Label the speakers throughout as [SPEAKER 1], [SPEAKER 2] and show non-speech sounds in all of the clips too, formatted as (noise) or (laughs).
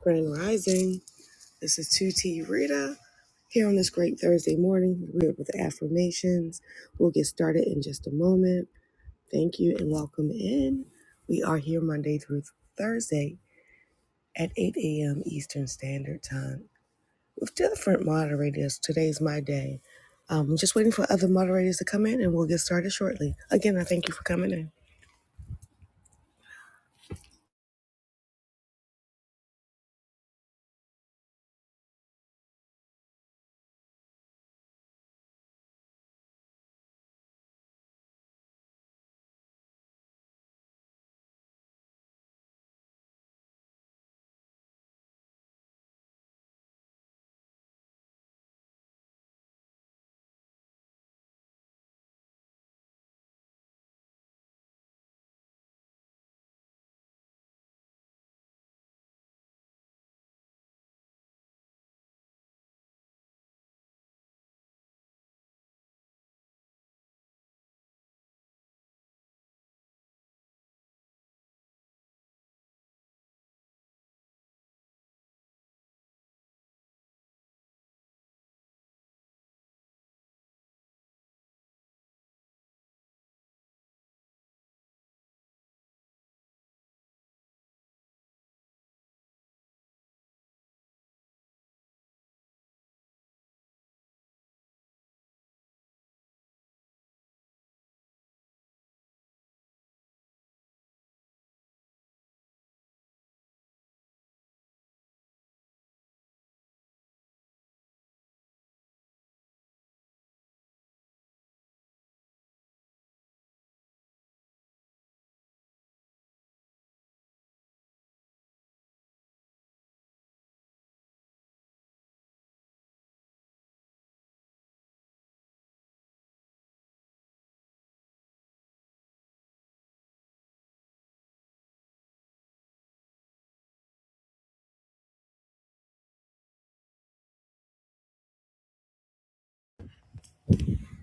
[SPEAKER 1] Grand Rising. This is 2T Rita here on this great Thursday morning. We're with the affirmations. We'll get started in just a moment. Thank you and welcome in. We are here Monday through Thursday at 8 a.m. Eastern Standard Time with different moderators. Today's my day. Um, I'm just waiting for other moderators to come in and we'll get started shortly. Again, I thank you for coming in.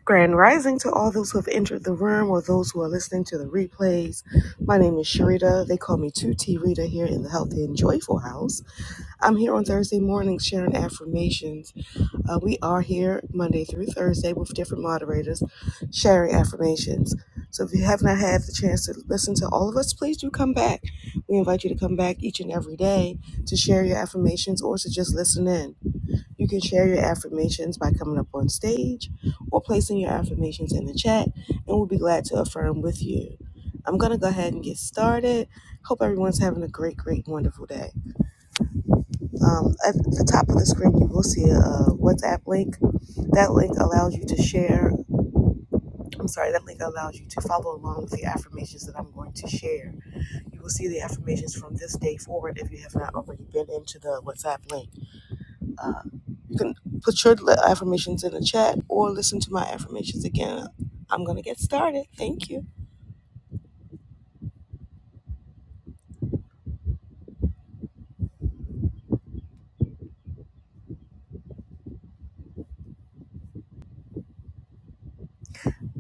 [SPEAKER 1] Grand rising to all those who have entered the room or those who are listening to the replays. My name is Sharita. They call me 2T Rita here in the Healthy and Joyful House. I'm here on Thursday mornings sharing affirmations. Uh, we are here Monday through Thursday with different moderators sharing affirmations. So if you have not had the chance to listen to all of us, please do come back. We invite you to come back each and every day to share your affirmations or to just listen in. You can share your affirmations by coming up on stage or placing your affirmations in the chat, and we'll be glad to affirm with you. I'm going to go ahead and get started. Hope everyone's having a great, great, wonderful day. Um, at the top of the screen, you will see a, uh WhatsApp link. That link allows you to share. I'm sorry, that link allows you to follow along with the affirmations that I'm going to share. You will see the affirmations from this day forward if you have not already been into the WhatsApp link. Uh, you can put your affirmations in the chat or listen to my affirmations again. I'm going to get started. Thank you.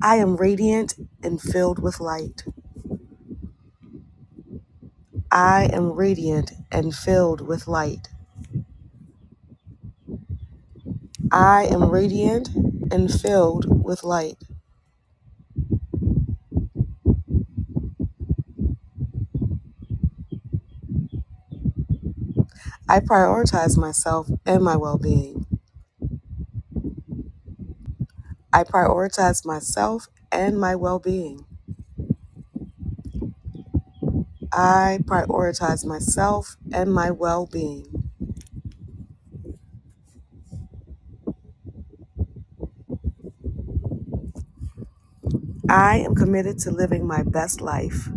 [SPEAKER 1] I am radiant and filled with light. I am radiant and filled with light. I am radiant and filled with light. I prioritize myself and my well being. I prioritize myself and my well being. I prioritize myself and my well being. I am committed to living my best life.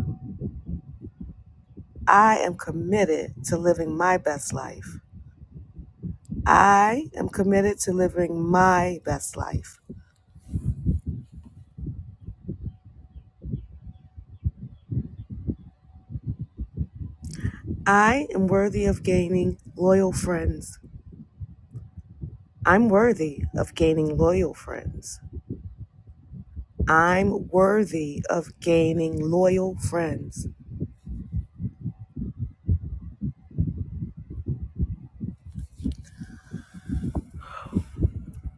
[SPEAKER 1] I am committed to living my best life. I am committed to living my best life. I am worthy of gaining loyal friends. I'm worthy of gaining loyal friends. I'm worthy of gaining loyal friends.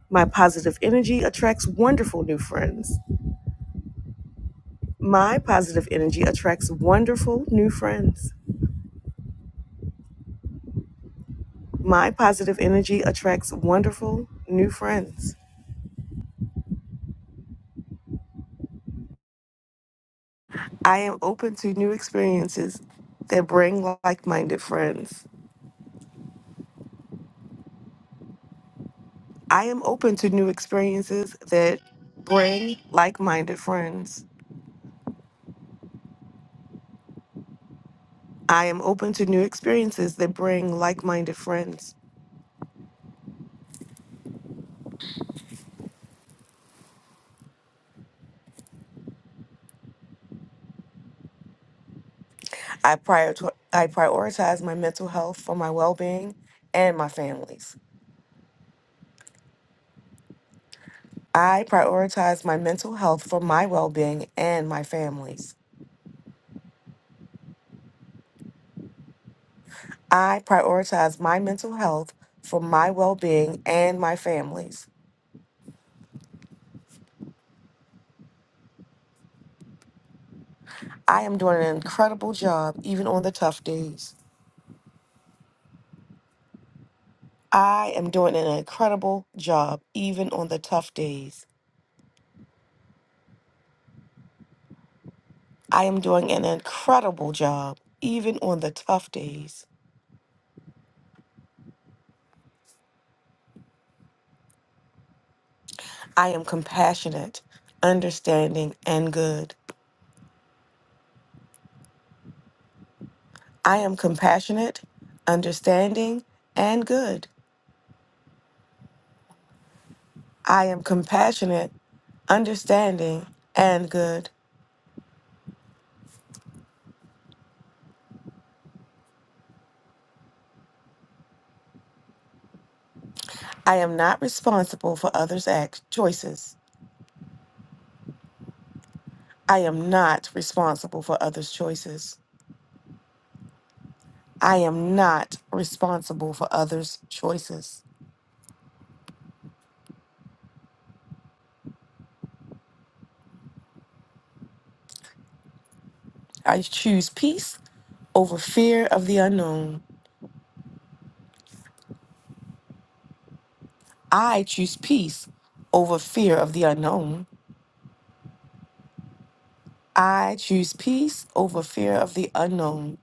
[SPEAKER 1] My positive energy attracts wonderful new friends. My positive energy attracts wonderful new friends. My positive energy attracts wonderful new friends. I am open to new experiences that bring like minded friends. I am open to new experiences that bring like minded friends. I am open to new experiences that bring like minded friends. I, prior I prioritize my mental health for my well being and my families. I prioritize my mental health for my well being and my families. I prioritize my mental health for my well being and my families. I am doing an incredible job even on the tough days. I am doing an incredible job even on the tough days. I am doing an incredible job even on the tough days. I am compassionate, understanding, and good. I am compassionate, understanding, and good. I am compassionate, understanding, and good. I am not responsible for others' act- choices. I am not responsible for others' choices. I am not responsible for others' choices. I choose peace over fear of the unknown. I choose peace over fear of the unknown. I choose peace over fear of the unknown.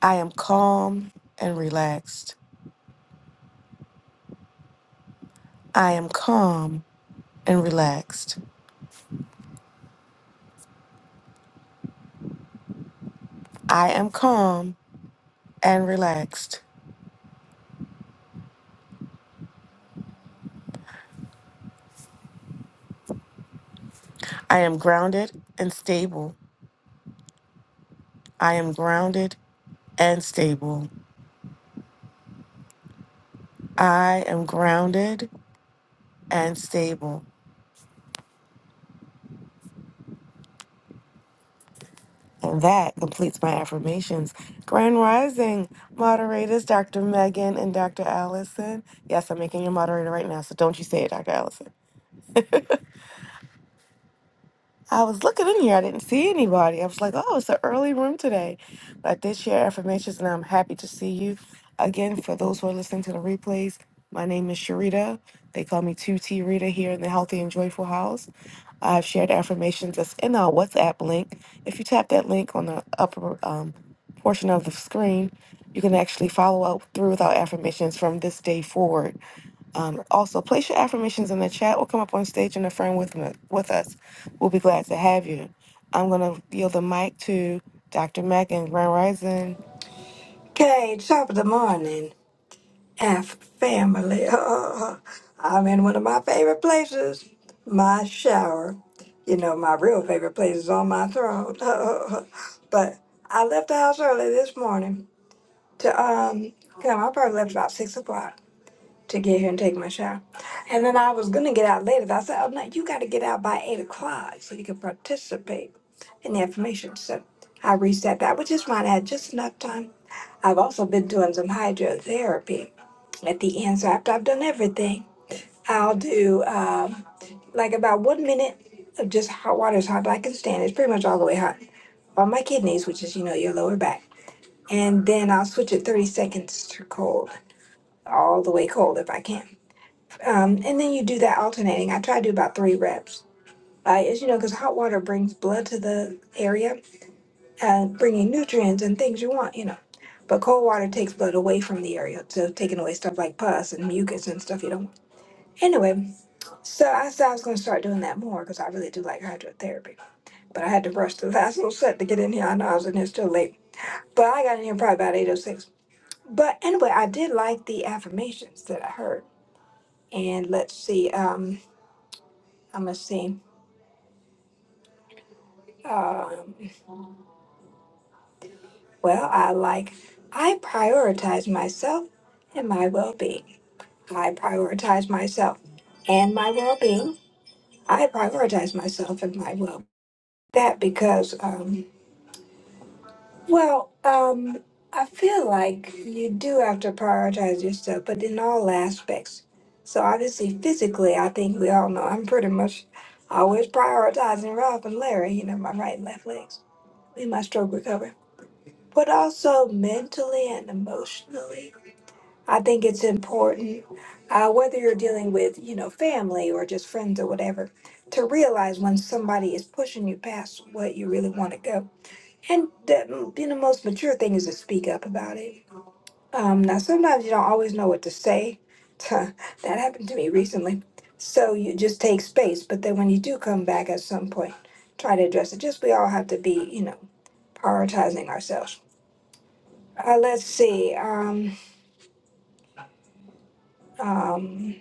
[SPEAKER 1] I am calm and relaxed. I am calm and relaxed. I am calm and relaxed. I am grounded and stable. I am grounded and stable. I am grounded and stable. And that completes my affirmations. Grand Rising moderators, Dr. Megan and Dr. Allison. Yes, I'm making you moderator right now, so don't you say it, Dr. Allison. I was looking in here. I didn't see anybody. I was like, oh, it's an early room today. But I did share affirmations, and I'm happy to see you. Again, for those who are listening to the replays, my name is Sharita. They call me 2T Rita here in the Healthy and Joyful House. I've shared affirmations that's in our WhatsApp link. If you tap that link on the upper um, portion of the screen, you can actually follow up through with our affirmations from this day forward. Um, also, place your affirmations in the chat or come up on stage and affirm with, me, with us. We'll be glad to have you. I'm going to yield the mic to Dr. Meg and Grand Rising.
[SPEAKER 2] Okay, top of the morning, F family. (laughs) I'm in one of my favorite places, my shower. You know, my real favorite place is on my throne. (laughs) but I left the house early this morning to um come. I probably left about six o'clock to get here and take my shower. And then I was gonna get out later, but I said, Oh no, you gotta get out by eight o'clock so you can participate in the information. So I reset that, which is fine. I had just enough time I've also been doing some hydrotherapy at the end. So after I've done everything, I'll do um, like about one minute of just hot water as hot as I can stand. It's pretty much all the way hot on my kidneys, which is, you know, your lower back. And then I'll switch it 30 seconds to cold, all the way cold if I can. Um, and then you do that alternating. I try to do about three reps. Uh, as you know, because hot water brings blood to the area, uh, bringing nutrients and things you want, you know. But cold water takes blood away from the area, so taking away stuff like pus and mucus and stuff you don't want. Anyway, so I said I was going to start doing that more because I really do like hydrotherapy. But I had to rush the last little set to get in here. I know I was in here still late, but I got in here probably about 8.06. But anyway, I did like the affirmations that I heard. And let's see, um, I'm going to see. Um, well, I like, I prioritize myself and my well being. I prioritize myself and my well being. I prioritize myself and my well. That because, um, well, um, I feel like you do have to prioritize yourself, but in all aspects. So obviously, physically, I think we all know I'm pretty much always prioritizing Rob and Larry. You know, my right and left legs in my stroke recovery, but also mentally and emotionally. I think it's important, uh, whether you're dealing with, you know, family or just friends or whatever, to realize when somebody is pushing you past what you really want to go. And the, you know, most mature thing is to speak up about it. Um, now, sometimes you don't always know what to say. (laughs) that happened to me recently. So you just take space. But then when you do come back at some point, try to address it. Just we all have to be, you know, prioritizing ourselves. Uh, let's see. Um, um,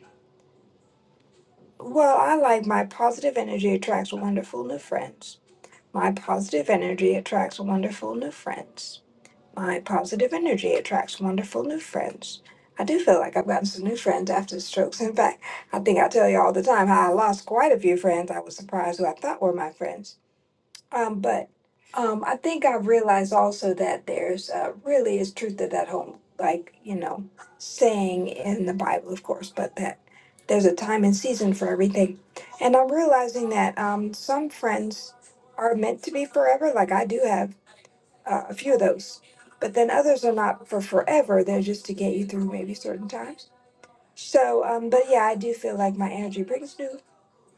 [SPEAKER 2] Well, I like my positive energy attracts wonderful new friends. My positive energy attracts wonderful new friends. My positive energy attracts wonderful new friends. I do feel like I've gotten some new friends after strokes. In fact, I think I tell you all the time how I lost quite a few friends I was surprised who I thought were my friends. Um, but um, I think I've realized also that there's uh, really is truth to that whole, like, you know, saying in the Bible, of course, but that there's a time and season for everything. And I'm realizing that um, some friends are meant to be forever. Like, I do have uh, a few of those, but then others are not for forever. They're just to get you through maybe certain times. So, um, but yeah, I do feel like my energy brings new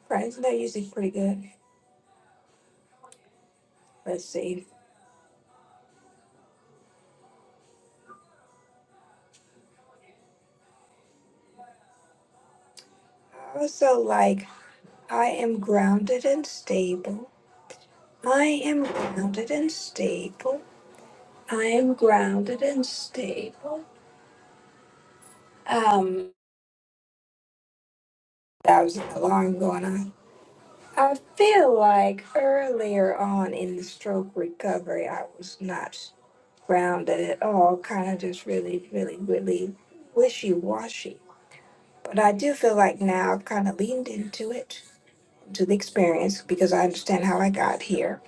[SPEAKER 2] friends, and they're usually pretty good. Let's see. I also like I am grounded and stable. I am grounded and stable. I am grounded and stable. Um, that was an alarm going on. I feel like earlier on in the stroke recovery, I was not grounded at all, kind of just really, really, really wishy washy. But I do feel like now I've kind of leaned into it, to the experience, because I understand how I got here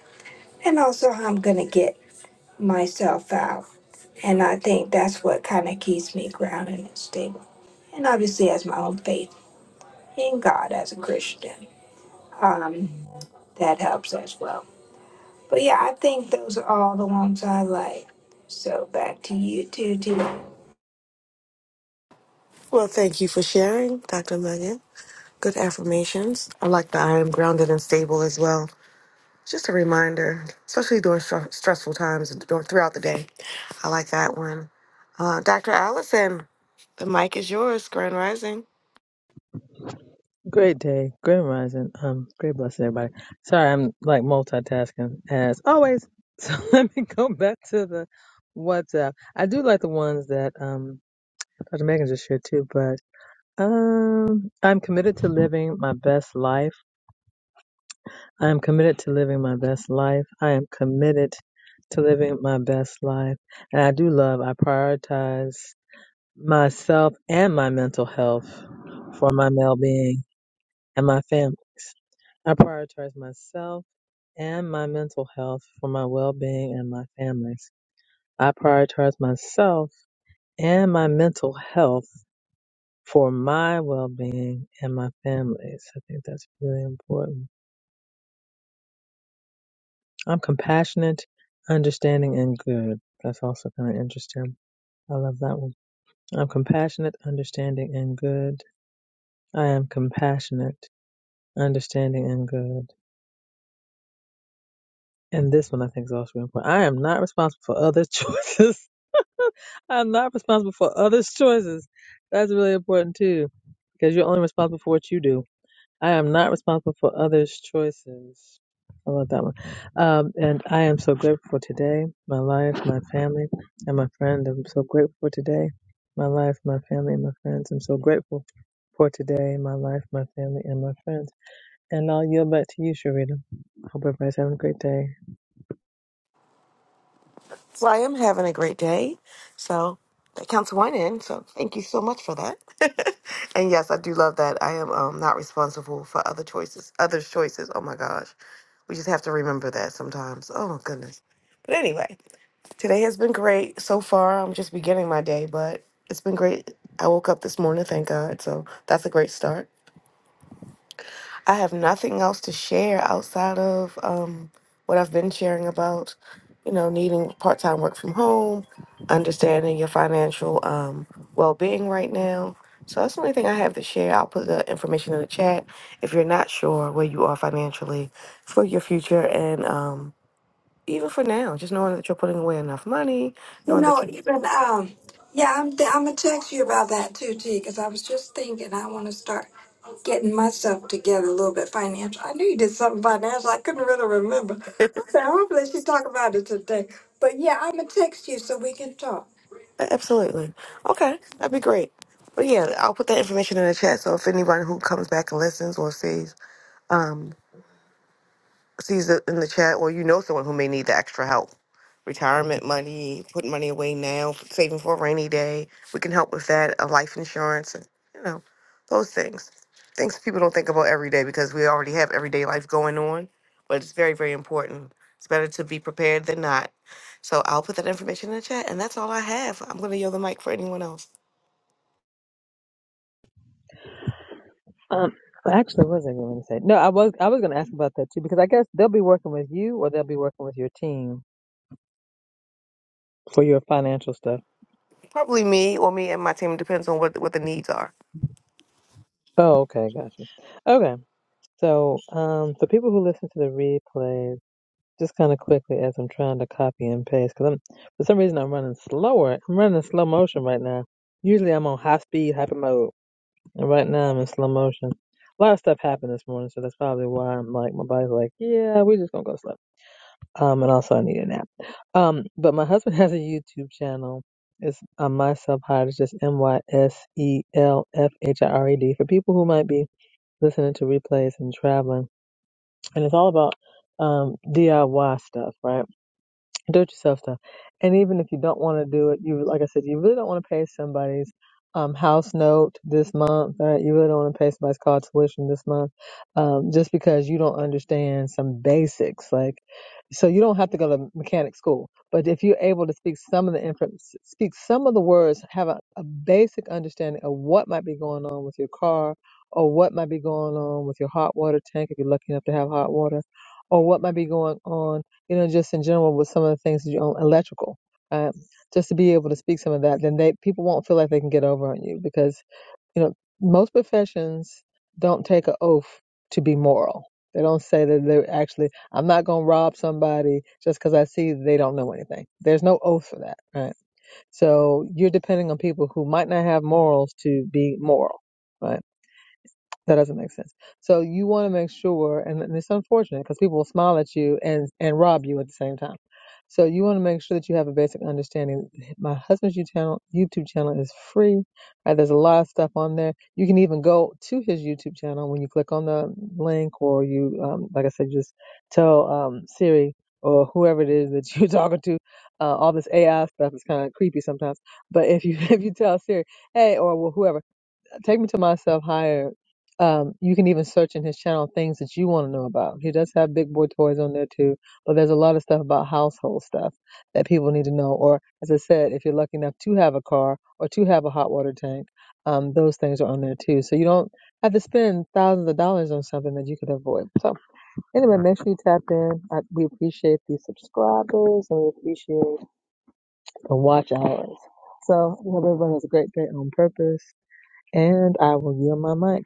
[SPEAKER 2] and also how I'm going to get myself out. And I think that's what kind of keeps me grounded and stable. And obviously, as my own faith in God as a Christian, um, that helps as well. But yeah, I think those are all the ones I like. So back to you two, too.
[SPEAKER 1] Well, thank you for sharing, Dr. Megan. Good affirmations. I like that I am grounded and stable as well. Just a reminder, especially during str- stressful times and dur- throughout the day. I like that one. Uh, Dr. Allison, the mic is yours, Grand Rising.
[SPEAKER 3] Great day, great rising, um, great blessing, everybody. Sorry, I'm like multitasking as always. (laughs) So let me go back to the WhatsApp. I do like the ones that um Dr. Megan just shared too, but um, I'm committed to living my best life. I am committed to living my best life. I am committed to living my best life, and I do love. I prioritize myself and my mental health for my well-being and my family. I prioritize myself and my mental health for my well being and my family's. I prioritize myself and my mental health for my well being and my family's. I think that's really important. I'm compassionate, understanding, and good. That's also kind of interesting. I love that one. I'm compassionate, understanding, and good. I am compassionate, understanding, and good. And this one I think is also important. I am not responsible for others' (laughs) choices (laughs) I'm not responsible for others' choices. That's really important too, because you're only responsible for what you do. I am not responsible for others' choices. I love that one. Um, and I am so grateful for today, my life, my family, and my friend. I'm so grateful for today, my life, my family, and my friends. I'm so grateful for today, my life, my family, and my friends. And I'll yield back to you, Sharita. Hope everybody's having a great day.
[SPEAKER 1] So I am having a great day. So that counts one in. So thank you so much for that. (laughs) and yes, I do love that. I am um, not responsible for other choices, others' choices. Oh my gosh. We just have to remember that sometimes. Oh my goodness. But anyway, today has been great so far. I'm just beginning my day, but it's been great. I woke up this morning, thank God. So that's a great start. I have nothing else to share outside of um, what I've been sharing about, you know, needing part time work from home, understanding your financial um, well being right now. So that's the only thing I have to share. I'll put the information in the chat if you're not sure where you are financially for your future and um, even for now, just knowing that you're putting away enough money,
[SPEAKER 2] You
[SPEAKER 1] knowing that
[SPEAKER 2] know,
[SPEAKER 1] you
[SPEAKER 2] even um, yeah, I'm th- I'm gonna text you about that too, T, because I was just thinking I want to start getting myself together a little bit financial. I knew you did something financial. I couldn't really remember. I said hopefully she talk about it today. But yeah, I'm gonna text you so we can talk.
[SPEAKER 1] absolutely okay, that'd be great. But yeah, I'll put that information in the chat. So if anyone who comes back and listens or sees, um, sees it in the chat or you know someone who may need the extra help retirement money putting money away now saving for a rainy day we can help with that a life insurance and you know those things things people don't think about every day because we already have everyday life going on but it's very very important it's better to be prepared than not so i'll put that information in the chat and that's all i have i'm going to yield the mic for anyone else
[SPEAKER 3] Um, well, actually, what was I going to say? No, I was I was going to ask about that too because I guess they'll be working with you or they'll be working with your team for your financial stuff.
[SPEAKER 1] probably me or me and my team depends on what what the needs are
[SPEAKER 3] Oh, okay, gotcha. Okay, so um, for people who listen to the replays. Just kind of quickly as I'm trying to copy and paste, because I'm for some reason I'm running slower. I'm running slow motion right now. Usually I'm on high speed, hyper mode, and right now I'm in slow motion. A lot of stuff happened this morning, so that's probably why I'm like my body's like, yeah, we're just gonna go slow. Um, and also I need a nap. Um, but my (laughs) husband has a YouTube channel. It's on my subhide. It's just M Y S E L F H I R E D for people who might be listening to replays and traveling. And it's all about um DIY stuff, right? do it yourself stuff. And even if you don't want to do it, you like I said, you really don't want to pay somebody's um, house note this month. Right? You really don't want to pay somebody's car tuition this month, um, just because you don't understand some basics. Like, so you don't have to go to mechanic school, but if you're able to speak some of the inf- speak some of the words, have a, a basic understanding of what might be going on with your car, or what might be going on with your hot water tank if you're lucky enough to have hot water, or what might be going on you know, just in general with some of the things that you own, electrical, right? Just to be able to speak some of that, then they people won't feel like they can get over on you because you know most professions don't take an oath to be moral. They don't say that they're actually. I'm not going to rob somebody just because I see they don't know anything. There's no oath for that, right? So you're depending on people who might not have morals to be moral, right? That doesn't make sense. So you want to make sure, and, and it's unfortunate because people will smile at you and and rob you at the same time. So you want to make sure that you have a basic understanding. My husband's YouTube channel, YouTube channel is free. Right? There's a lot of stuff on there. You can even go to his YouTube channel when you click on the link, or you, um, like I said, just tell um, Siri or whoever it is that you're (laughs) talking to. Uh, all this AI stuff is kind of creepy sometimes. But if you (laughs) if you tell Siri, hey, or whoever Take Me to Myself Higher. Um, you can even search in his channel things that you want to know about. He does have big boy toys on there too, but there's a lot of stuff about household stuff that people need to know. Or, as I said, if you're lucky enough to have a car or to have a hot water tank, um, those things are on there too. So you don't have to spend thousands of dollars on something that you could avoid. So, anyway, make sure you tap in. I, we appreciate the subscribers and we appreciate the watch hours. So, we hope everyone has a great day on purpose and I will yield my mic.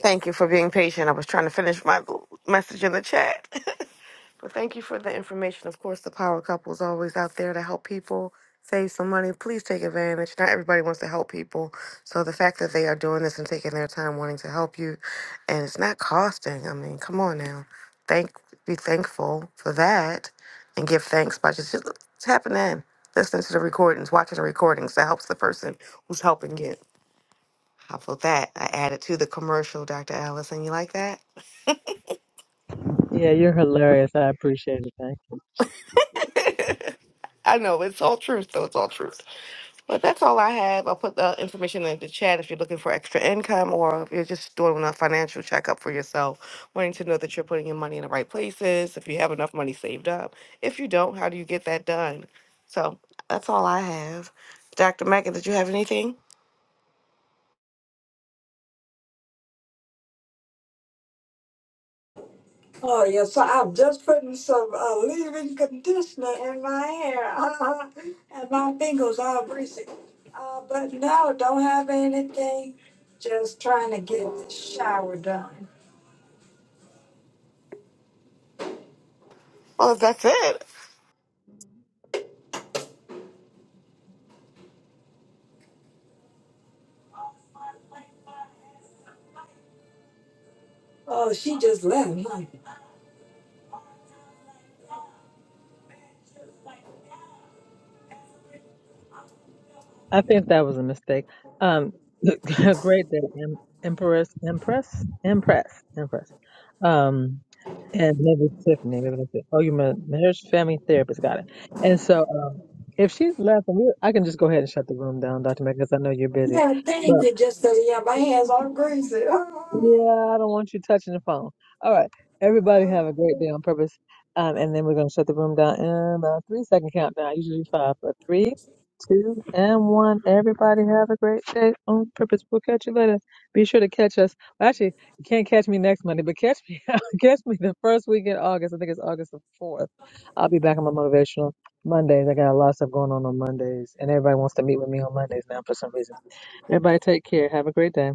[SPEAKER 1] Thank you for being patient. I was trying to finish my message in the chat. (laughs) but thank you for the information. Of course, the power couple is always out there to help people save some money. Please take advantage. Not everybody wants to help people. So the fact that they are doing this and taking their time wanting to help you and it's not costing. I mean, come on now. Thank be thankful for that and give thanks by just, just tapping in. Listening to the recordings, watching the recordings. That helps the person who's helping you. How about that? I added to the commercial, Dr. Allison. You like that?
[SPEAKER 3] Yeah, you're hilarious. I appreciate it. Thank you.
[SPEAKER 1] (laughs) I know it's all truth, though. It's all truth. But that's all I have. I'll put the information in the chat if you're looking for extra income or if you're just doing a financial checkup for yourself, wanting to know that you're putting your money in the right places, if you have enough money saved up. If you don't, how do you get that done? So that's all I have. Dr. Megan, did you have anything?
[SPEAKER 2] Oh yeah, so I'm just putting some uh, leave-in conditioner in my hair uh, and my fingers all greasy. Uh, but no, don't have anything. Just trying to get the shower done.
[SPEAKER 1] Well, if that's it.
[SPEAKER 2] Oh, she just left, huh?
[SPEAKER 3] I think that was a mistake. Um, (laughs) great day, em- Empress, Empress, Empress, Empress. Um, and maybe it's Tiffany. Maybe that's it. Oh, you meant marriage family therapist. Got it. And so, uh, if she's laughing, we- I can just go ahead and shut the room down, Dr. Meg, because I know you're busy.
[SPEAKER 2] Yeah, thank you, just 'cause you have my hands all greasy. (laughs)
[SPEAKER 3] Yeah, I don't want you touching the phone. All right. Everybody have a great day on purpose. Um, and then we're going to shut the room down in a three second countdown, usually five, but three, two, and one. Everybody have a great day on purpose. We'll catch you later. Be sure to catch us. Well, actually, you can't catch me next Monday, but catch me, (laughs) catch me the first week in August. I think it's August the 4th. I'll be back on my motivational Mondays. I got a lot of stuff going on on Mondays, and everybody wants to meet with me on Mondays now for some reason. Everybody take care. Have a great day.